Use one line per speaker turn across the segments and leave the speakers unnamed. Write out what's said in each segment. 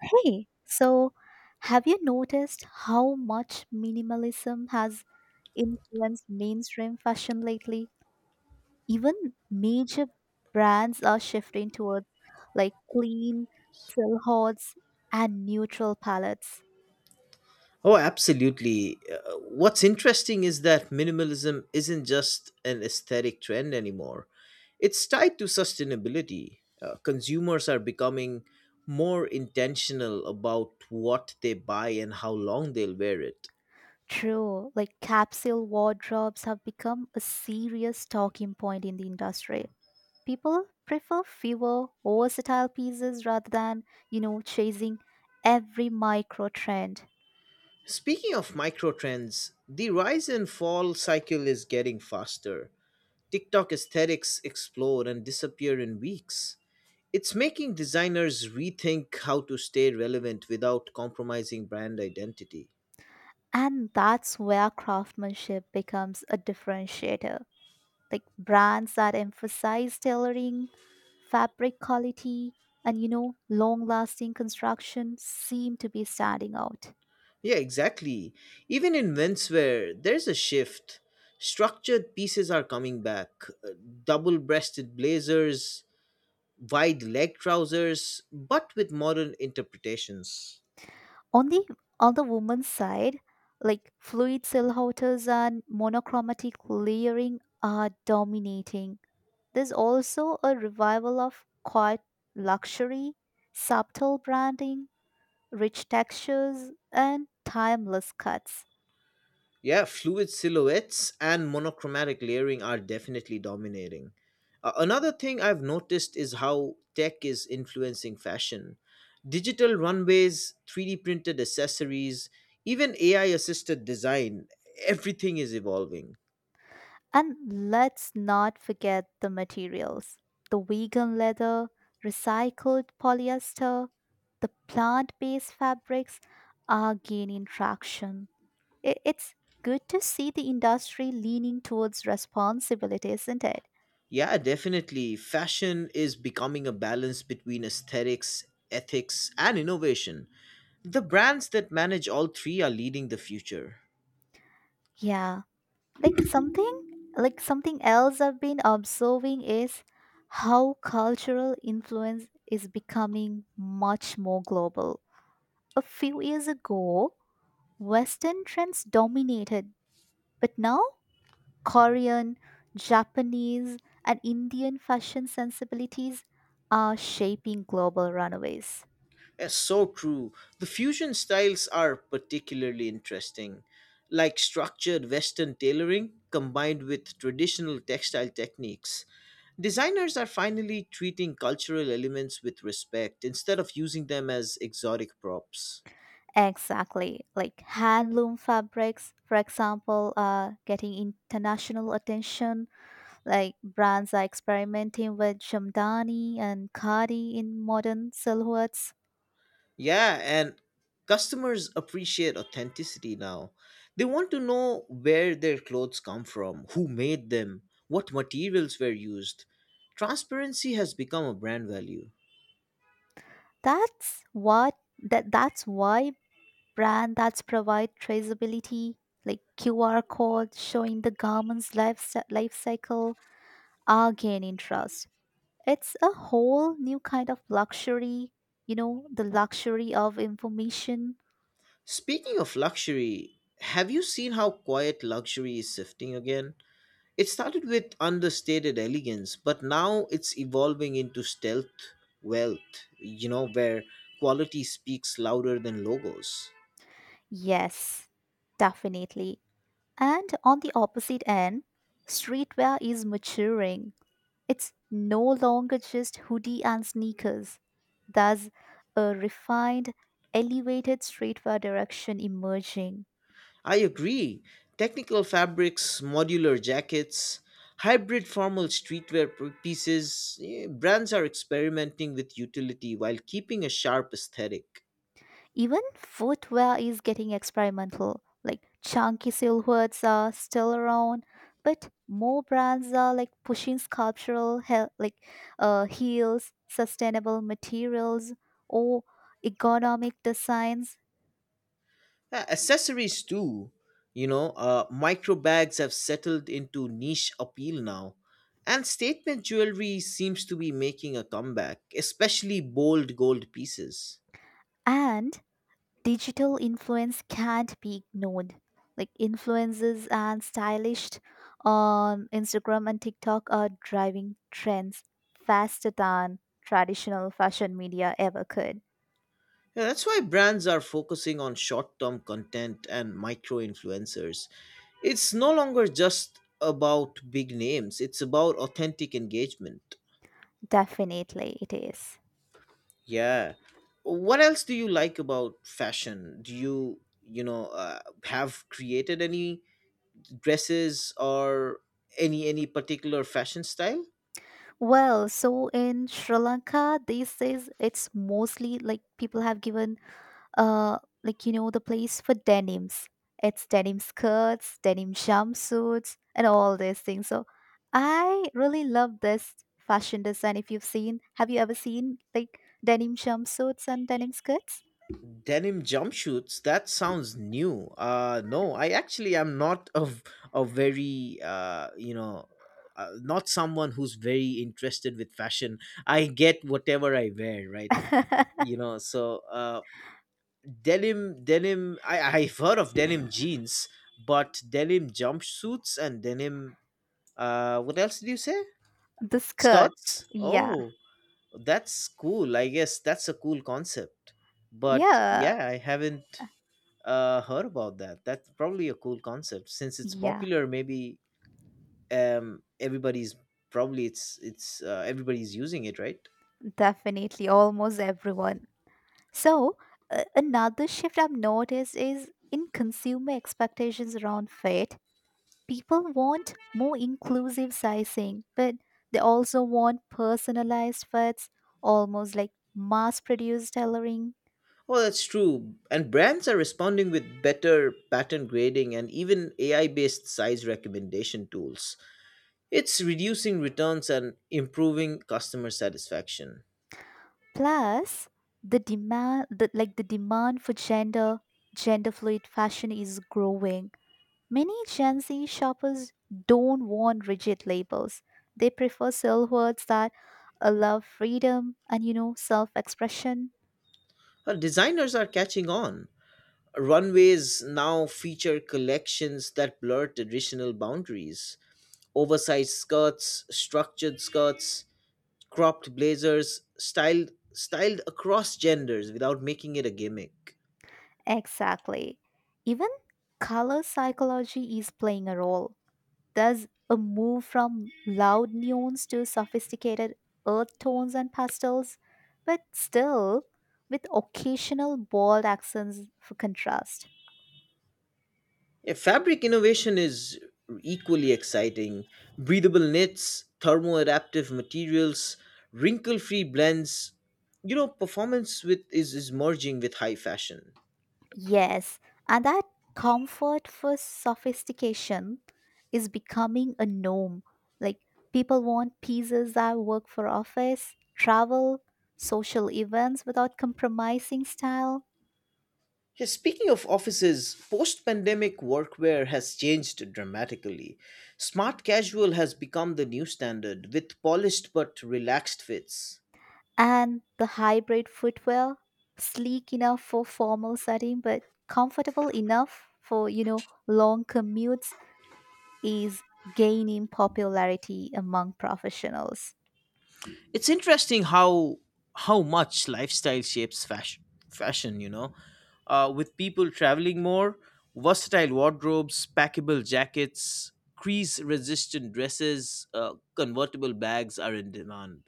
Hey, so have you noticed how much minimalism has influenced mainstream fashion lately? Even major brands are shifting towards clean silhouettes and neutral palettes.
Oh, absolutely. What's interesting is that minimalism isn't just an aesthetic trend anymore, it's tied to sustainability. Consumers are becoming more intentional about what they buy and how long they'll wear it.
True, like capsule wardrobes have become a serious talking point in the industry. People prefer fewer, versatile pieces rather than, chasing every micro trend.
Speaking of micro trends, the rise and fall cycle is getting faster. TikTok aesthetics explode and disappear in weeks. It's making designers rethink how to stay relevant without compromising brand identity.
And that's where craftsmanship becomes a differentiator. Like brands that emphasize tailoring, fabric quality, and long lasting construction seem to be standing out.
Yeah, exactly. Even in menswear, there's a shift. Structured pieces are coming back, uh, double breasted blazers, wide leg trousers, but with modern interpretations.
On the on the woman's side, like fluid silhouettes and monochromatic layering are dominating. There's also a revival of quiet luxury, subtle branding, rich textures, and timeless cuts.
Yeah, fluid silhouettes and monochromatic layering are definitely dominating. Another thing I've noticed is how tech is influencing fashion. Digital runways, 3D printed accessories, even AI assisted design, everything is evolving.
And let's not forget the materials, the vegan leather, recycled polyester, the plant based fabrics are gaining traction. It's good to see the industry leaning towards responsibility, isn't it?
Yeah, definitely. Fashion is becoming a balance between aesthetics, ethics, and innovation. The brands that manage all three are leading the future.
Yeah. Like something like something else I've been observing is how cultural influence is becoming much more global. A few years ago, Western trends dominated, but now Korean, Japanese, and Indian fashion sensibilities are shaping global runaways.
Yes, so true. The fusion styles are particularly interesting, like structured Western tailoring combined with traditional textile techniques. Designers are finally treating cultural elements with respect instead of using them as exotic props.
Exactly. Like handloom fabrics, for example, are getting international attention. Like brands are experimenting with Jamdani and Khadi in modern silhouettes.
Yeah, and customers appreciate authenticity now. They want to know where their clothes come from, who made them, what materials were used. Transparency has become a brand value.
That's why brand that's provide traceability, like QR code showing the life cycle, are gaining trust. It's a whole new kind of luxury, you know, the luxury of information.
Speaking of luxury, have you seen how quiet luxury is shifting again? It started with understated elegance, but now it's evolving into stealth wealth, you know, where quality speaks louder than logos.
Yes, definitely. And on the opposite end, streetwear is maturing. It's no longer just hoodie and sneakers. There's a refined, elevated streetwear direction emerging.
I agree. Technical fabrics, modular jackets, hybrid formal streetwear pieces, brands are experimenting with utility while keeping a sharp aesthetic.
Even footwear is getting experimental. Like chunky silhouettes are still around, but more brands are like pushing sculptural he- like heels, sustainable materials, or ergonomic designs.
Yeah, accessories too, you know, micro bags have settled into niche appeal now. And statement jewelry seems to be making a comeback, especially bold gold pieces.
And digital influence can't be ignored. Like influencers and stylists on Instagram and TikTok are driving trends faster than traditional fashion media ever could.
Yeah, that's why brands are focusing on short term content and micro influencers. It's no longer just about big names, it's about authentic engagement.
Definitely, it is.
Yeah. What else do you like about fashion? Do you, have created any dresses or any particular fashion style?
Well, so in Sri Lanka, these days it's mostly like people have given, uh, like you know, the place for denims. It's denim skirts, denim jumpsuits, and all these things. So I really love this fashion design. If you've seen, have you ever seen like denim jumpsuits and denim skirts?
Denim jumpsuits, that sounds new. No, I actually am not a very, not someone who's very interested with fashion. I get whatever I wear, right?
The
you know so uh denim, I've heard of denim jeans, but denim jumpsuits and denim, what else did you say? Skirts.
skirts, yeah,
Oh, that's cool. I guess that's a cool concept. But
yeah,
yeah, I haven't heard about that. That's probably a cool concept since it's
yeah,
popular. Maybe, everybody's probably it's everybody's using it, right?
definitely. Almost everyone. So, another shift I've noticed is in consumer expectations around fit. People want more inclusive sizing, but they also want personalized fits, almost like mass-produced tailoring.
Oh, that's true. And brands are responding with better pattern grading and even AI-based size recommendation tools. It's reducing returns and improving customer satisfaction.
Plus, the demand for gender fluid fashion is growing. Many Gen Z shoppers don't want rigid labels. They prefer words that allow freedom and, you know, self expression.
Our designers are catching on. Runways now feature collections that blur traditional boundaries. Oversized skirts, structured skirts, cropped blazers, styled across genders without making it a gimmick.
Exactly. Even color psychology is playing a role. There's a move from loud neons to sophisticated earth tones and pastels, but still with occasional bold accents for contrast.
Yeah, fabric innovation is equally exciting. Breathable knits, thermo-adaptive materials, wrinkle-free blends. You know, performance with is merging with high fashion.
Yes, and that comfort for sophistication is becoming a norm. Like people want pieces that work for office, travel, social events without compromising style,
Yeah, speaking of offices, post pandemic workwear has changed dramatically. Smart casual has become the new standard with polished but relaxed fits.
and the hybrid footwear, sleek enough for formal setting but comfortable enough for, you know, long commutes, is gaining popularity among professionals.
It's interesting how much lifestyle shapes fashion, you know. With people traveling more, versatile wardrobes, packable jackets, crease resistant dresses, convertible bags are in demand.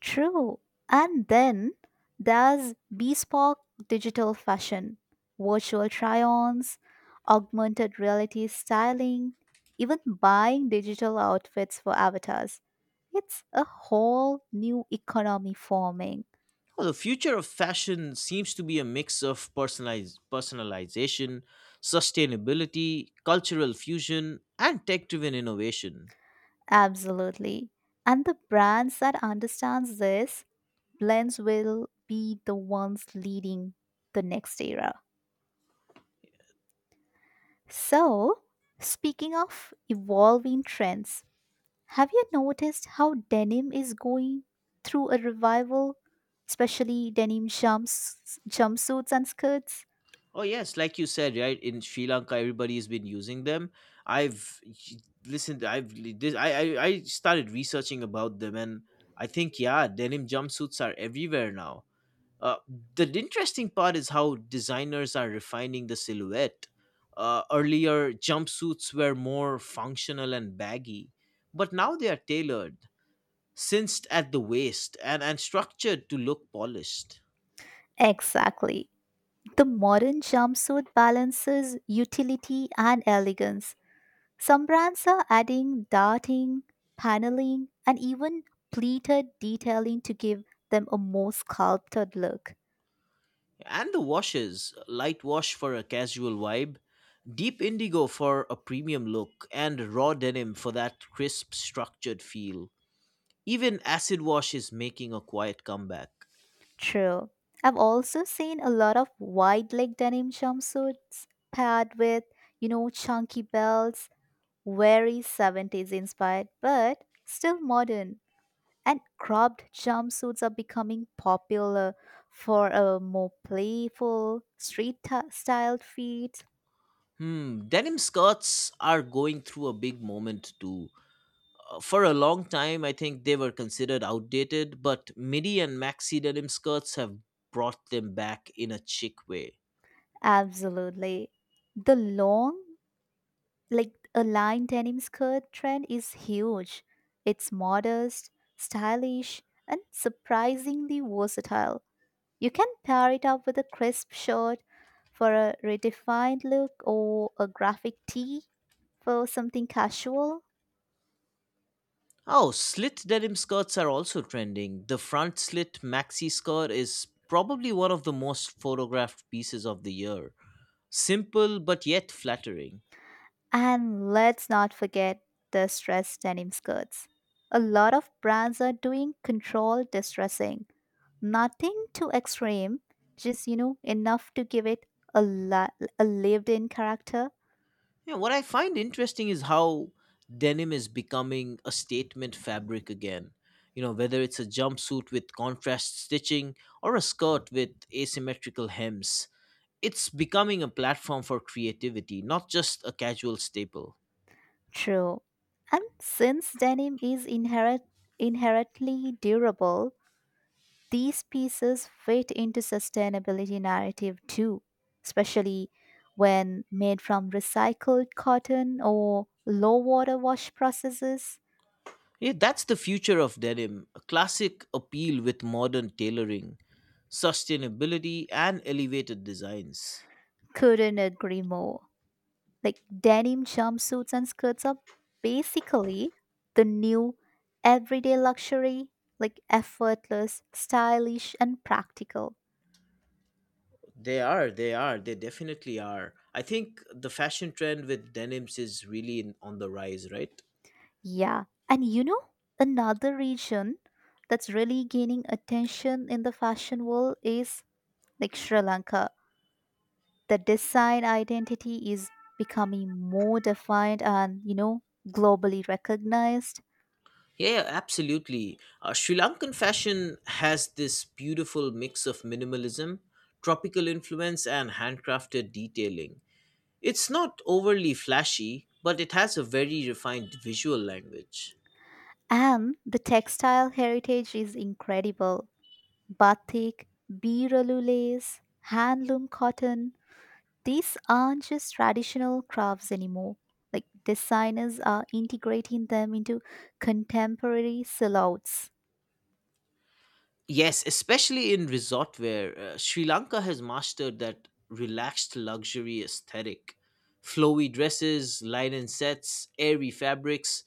True. And then there's bespoke digital fashion, virtual try ons, augmented reality styling, even buying digital outfits for avatars. It's a whole new economy forming.
Well, the future of fashion seems to be a mix of personalization, sustainability, cultural fusion, and tech driven innovation.
Absolutely. And the brands that understands this blends will be the ones leading the next era. So, speaking of evolving trends, have you noticed how denim is going through a revival, especially jumpsuits and skirts?
Oh, yes, like you said, right? In Sri Lanka, everybody's been using them. I've listened, I've this, I started researching about them, and I think, yeah, denim jumpsuits are everywhere now. Uh, the interesting part is how designers are refining the silhouette. Earlier, jumpsuits were more functional and baggy, but now they are tailored, cinched at the waist, and structured to look polished.
Exactly. The modern jumpsuit balances utility and elegance. Some brands are adding darting, paneling, and even pleated detailing to give them a more sculpted look.
And the washes, light wash for a casual vibe, deep indigo for a premium look, and raw denim for that crisp, structured feel. Even acid wash is making a quiet comeback.
True. I've also seen a lot of wide leg denim jumpsuits paired with, you know, chunky belts. Very '70s inspired, but still modern. And cropped jumpsuits are becoming popular for a more playful, styled fit.
Denim skirts are going through a big moment too. For a long time, I think they were considered outdated, but midi and maxi denim skirts have brought them back in a chic way.
Absolutely. The long, like a lined denim skirt trend is huge. It's modest, stylish, and surprisingly versatile. You can pair it up with a crisp shirt for a redefined look or a graphic tee for something casual.
Oh, slit denim skirts are also trending. The front slit maxi skirt is probably one of the most photographed pieces of the year. Simple but yet flattering.
And let's not forget the stressed denim skirts. A lot of brands are doing controlled distressing. Nothing too extreme, just you know, enough to give it a lived in character.
Yeah, what I find interesting is how denim is becoming a statement fabric again. You know, whether it's a jumpsuit with contrast stitching or a skirt with asymmetrical hems, it's becoming a platform for creativity, not just a casual staple.
True. And since denim is inherent inherently durable, these pieces fit into sustainability narrative too, especially when made from recycled cotton or low water wash processes.
Yeah, that's the future of denim, a classic appeal with modern tailoring, sustainability, and elevated designs.
Couldn't agree more. Like denim jumpsuits and skirts are basically the new everyday luxury, like effortless, stylish, and practical.
They definitely are. I think the fashion trend with denims is really in, on the rise, right?
Yeah. And you know, another region that's really gaining attention in the fashion world is like Sri Lanka. The design identity is becoming more defined and, you know, globally recognized.
Yeah, yeah, absolutely. Sri Lankan fashion has this beautiful mix of minimalism, tropical influence, and handcrafted detailing. It's not overly flashy, but it has a very refined visual language.
And the textile heritage is incredible. Batik, Biraloo lace, handloom cotton, these aren't just traditional crafts anymore. Like designers are integrating them into contemporary silhouettes.
Yes, especially in resort wear, Sri Lanka has mastered that relaxed luxury aesthetic. Flowy dresses, linen sets, airy fabrics,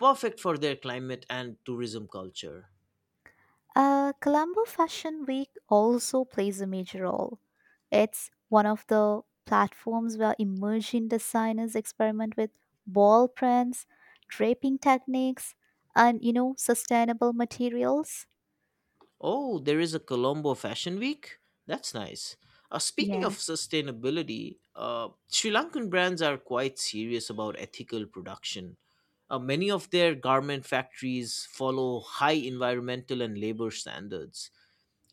perfect for their climate and tourism culture.
Colombo Fashion Week also plays a major role. It's one of the platforms where emerging designers experiment with ball prints, draping techniques, and you know, sustainable materials.
Oh, there is a Colombo Fashion Week? That's nice. Speaking of
Yeah.
sustainability, Sri Lankan brands are quite serious about ethical production. Many of their garment factories follow high environmental and labor standards.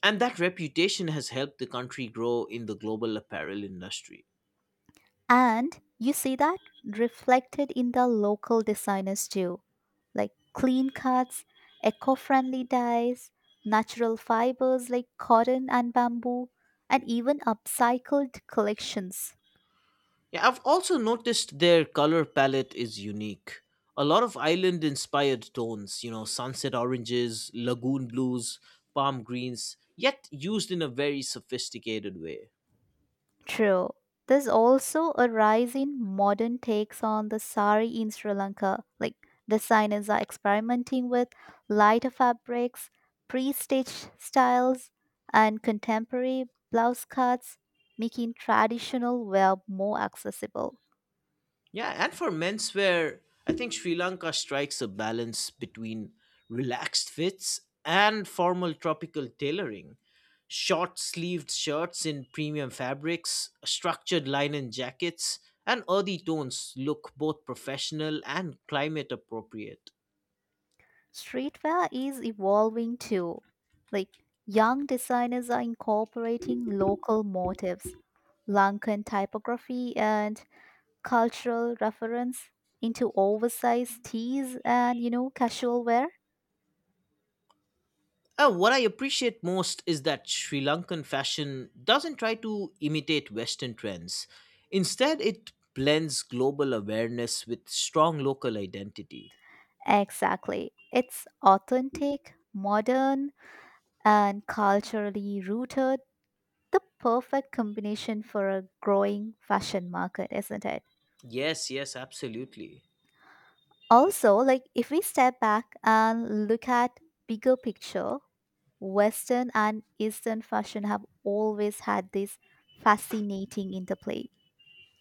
And that reputation has helped the country grow in the global apparel industry.
And you see that reflected in the local designers too, like clean cuts, eco friendly dyes, natural fibers like cotton and bamboo, and even upcycled collections.
Yeah, I've also noticed their color palette is unique. A lot of island inspired tones, you know, sunset oranges, lagoon blues, palm greens, yet used in a very sophisticated way.
True. There's also a rise in modern takes on the sari in Sri Lanka. Like designers are experimenting with lighter fabrics, pre-stitched styles, and contemporary blouse cuts, making traditional wear more accessible.
Yeah, and for menswear, I think Sri Lanka strikes a balance between relaxed fits and formal tropical tailoring. Short sleeved shirts in premium fabrics, structured linen jackets, and earthy tones look both professional and climate appropriate.
Streetwear is evolving too. Like young designers are incorporating local motifs, Lankan typography, and cultural reference into oversized tees and, you know, casual wear.
What I appreciate most is that Sri Lankan fashion doesn't try to imitate Western trends. Instead, it blends global awareness with strong local identity.
Exactly. It's authentic, modern, and culturally rooted. The perfect combination for a growing fashion market, isn't it?
Yes, yes, absolutely.
Also, like if we step back and look at bigger picture, Western and Eastern fashion have always had this fascinating interplay.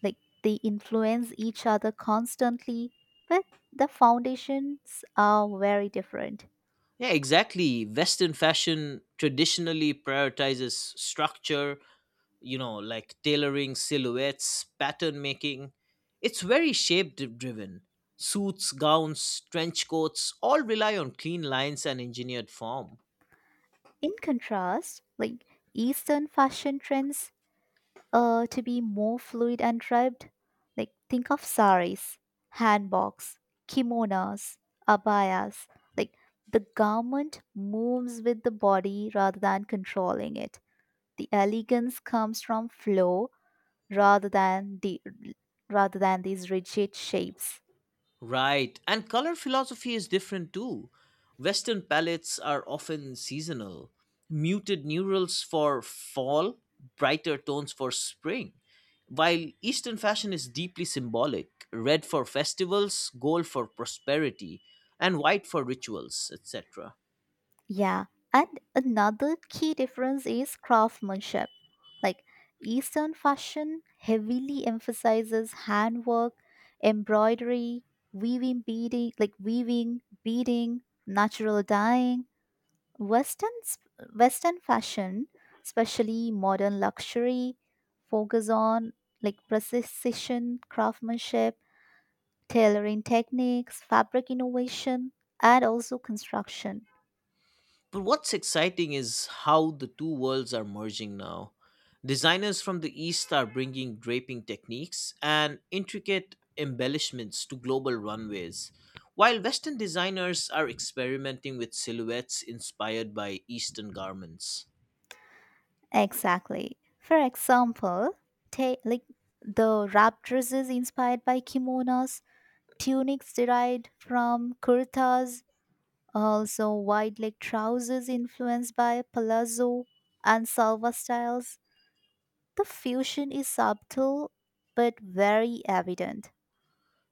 Like they influence each other constantly, but the foundations are very different.
Yeah, exactly. Western fashion traditionally prioritizes structure, you know, like tailoring, silhouettes, pattern making. It's very shape driven. Suits, gowns, trench coats all rely on clean lines and engineered form.
In contrast, like Eastern fashion trends to be more fluid and draped, like think of saris, handbags, kimonos, abayas, like the garment moves with the body rather than controlling it. The elegance comes from flow rather than the rather than these rigid shapes.
Right. And color philosophy is different too. Western palettes are often seasonal. Muted neurals for fall, brighter tones for spring. While Eastern fashion is deeply symbolic, red for festivals, gold for prosperity, and white for rituals, etc.
Yeah, and another key difference is craftsmanship. Like Eastern fashion heavily emphasizes handwork, embroidery, weaving, beading, natural dyeing. Western s- Western fashion, especially modern luxury, focus on like precision craftsmanship, tailoring techniques, fabric innovation, and also construction.
But what's exciting is how the two worlds are merging now. Designers from the East are bringing draping techniques and intricate embellishments to global runways, while Western designers are experimenting with silhouettes inspired by Eastern garments.
Exactly. For example, take like the wrap dresses inspired by kimonos, tunics derived from kurtas, also wide leg trousers influenced by palazzo and salva styles. The fusion is subtle but very evident.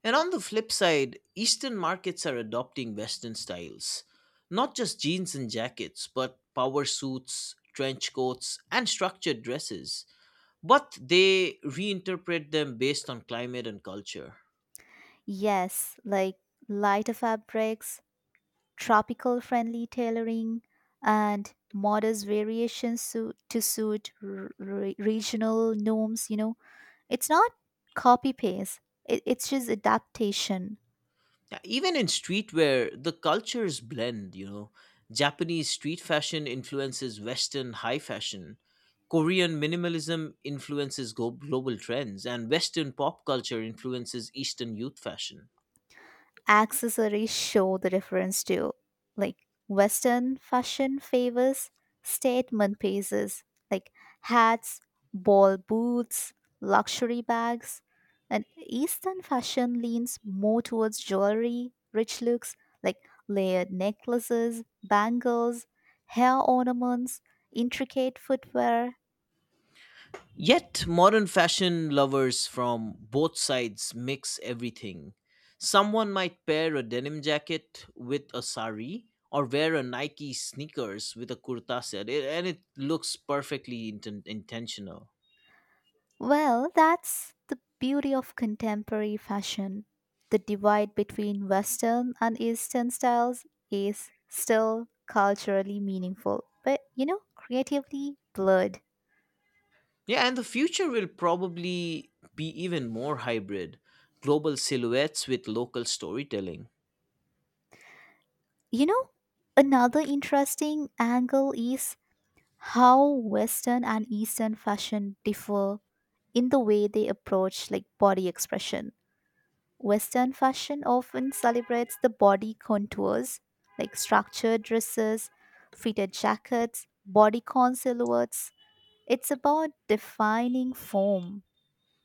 And on the flip side, Eastern markets are adopting Western styles, not just jeans and jackets, but power suits, trench coats, and structured dresses, but they reinterpret them based on climate and culture.
Yes, like lighter fabrics, tropical friendly tailoring, and modest variations su- to suit r- re- regional norms. You know, it's not copy paste, it's just adaptation.
Yeah, even in streetwear, the cultures blend, you know. Japanese street fashion influences Western high fashion. Korean minimalism influences global trends, and Western pop culture influences Eastern youth fashion.
Accessories show the difference too. Like Western fashion favors statement pieces like hats, ball boots, luxury bags, and Eastern fashion leans more towards jewelry, rich looks like layered necklaces, bangles, hair ornaments, intricate footwear.
Yet, modern fashion lovers from both sides mix everything. Someone might pair a denim jacket with a sari or wear a Nike sneakers with a kurta set, and it looks perfectly intentional.
Well, that's the beauty of contemporary fashion. The divide between Western and Eastern styles is still culturally meaningful, but you know, creatively blurred.
Yeah, and the future will probably be even more hybrid, global silhouettes with local storytelling.
You know, another interesting angle is how Western and Eastern fashion differ in the way they approach like body expression. Western fashion often celebrates the body contours, like structured dresses, fitted jackets, bodycon silhouettes. It's about defining form.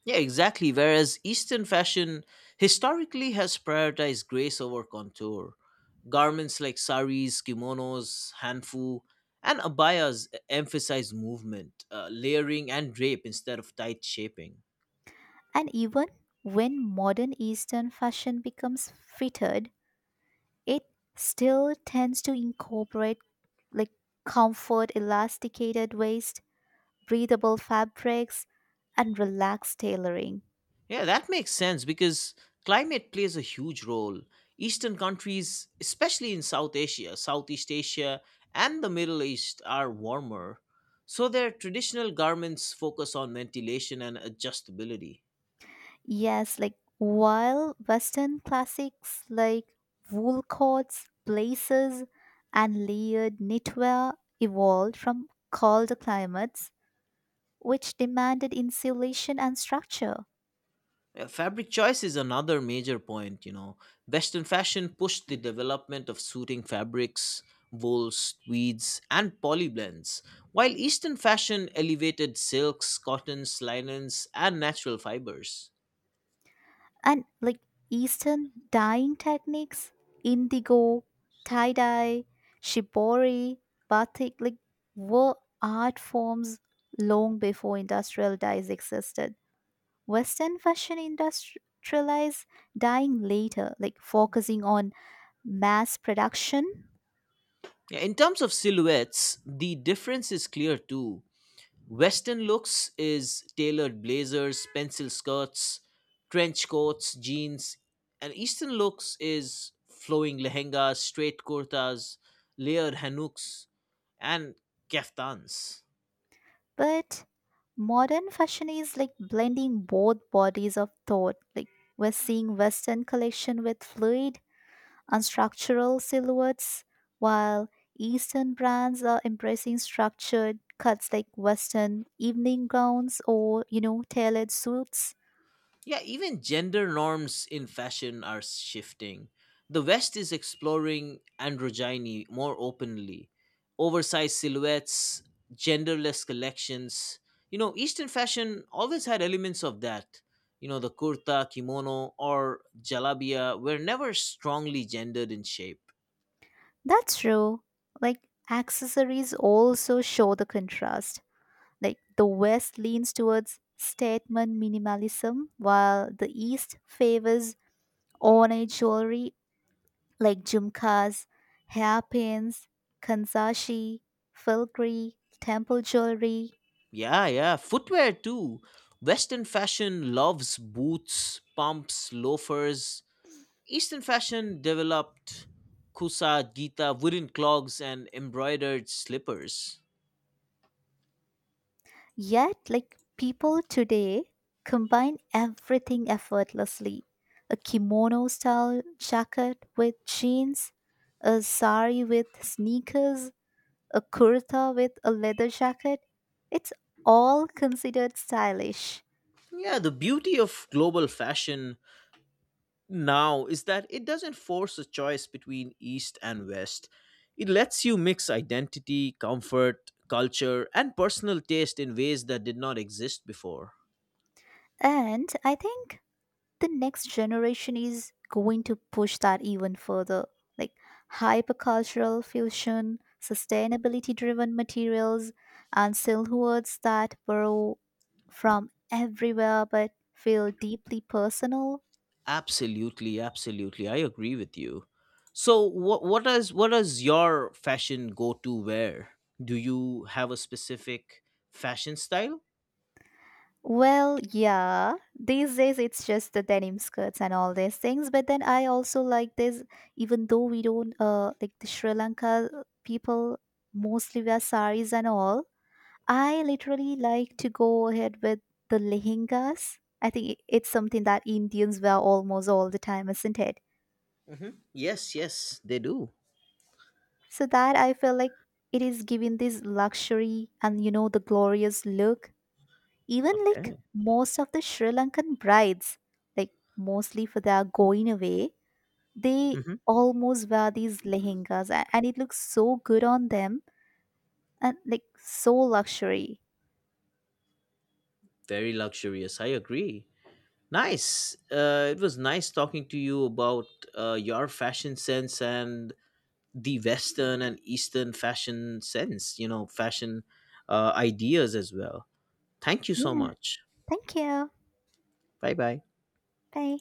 Yeah, exactly. Whereas Eastern fashion historically has prioritized grace over contour. Garments like saris, kimonos, hanfu, and abayas emphasize movement, layering, and drape instead of tight shaping.
And even when modern Eastern fashion becomes fitted, it still tends to incorporate like comfort, elasticated waist, breathable fabrics, and relaxed tailoring.
Yeah, that makes sense because climate plays a huge role. Eastern countries, especially in South Asia, Southeast Asia, and the Middle East, are warmer. So their traditional garments focus on ventilation and adjustability.
Yes, like while Western classics like wool coats, blazers, and layered knitwear evolved from colder climates, which demanded insulation and structure.
Yeah, fabric choice is another major point, you know. Western fashion pushed the development of suiting fabrics, wools, tweeds, and poly blends, while Eastern fashion elevated silks, cottons, linens, and natural fibers.
And like Eastern dyeing techniques, indigo, tie dye, shibori, batik, like were art forms long before industrial dyes existed. Western fashion industrialized dying later, like focusing on mass production.
Yeah, in terms of silhouettes, the difference is clear too. Western looks is tailored blazers, pencil skirts, trench coats, jeans, and Eastern looks is flowing lehengas, straight kurtas, layered hanuks, and kaftans.
But modern fashion is like blending both bodies of thought. Like we're seeing Western collection with fluid, unstructural silhouettes, while Eastern brands are embracing structured cuts like Western evening gowns or, you know, tailored suits.
Yeah, even gender norms in fashion are shifting. The West is exploring androgyny more openly. Oversized silhouettes, genderless collections. You know, Eastern fashion always had elements of that. You know, the kurta, kimono, or jalabia were never strongly gendered in shape.
That's true. Like accessories also show the contrast. Like the West leans towards statement minimalism, while the East favors ornate jewelry like jumkas, hairpins, kanzashi, filigree, temple jewelry.
Yeah, yeah. Footwear too. Western fashion loves boots, pumps, loafers, Eastern fashion developed kusa, gita, wooden clogs, and embroidered slippers.
Yet, like people today combine everything effortlessly, a kimono style jacket with jeans, a sari with sneakers, a kurta with a leather jacket. It's all considered stylish.
Yeah, the beauty of global fashion now is that it doesn't force a choice between East and West. It lets you mix identity, comfort, culture, and personal taste in ways that did not exist before.
And I think the next generation is going to push that even further. Like hypercultural fusion, sustainability driven materials, and silhouettes that borrow from everywhere but feel deeply personal.
Absolutely, absolutely. I agree with you. So what is your fashion go to wear? Do you have a specific fashion style?
Well, yeah. These days it's just the denim skirts and all these things. But then I also like this, even though we don't like the Sri Lanka people mostly wear saris and all. I literally like to go ahead with the lehengas. I think it's something that Indians wear almost all the time, isn't it?
Hmm. Yes, yes, they do.
So that I feel like it is giving this luxury and you know the glorious look. Even like
Okay.
most of the Sri Lankan brides, like mostly for their going away, they
Hmm.
almost wear these lehengas and it looks so good on them and like so luxury.
Very luxurious. I agree. Nice. It was nice talking to you about your fashion sense and the Western and Eastern fashion sense, you know, fashion ideas as well. Thank you so
Yeah,
much.
thank you.
Bye bye.
Bye.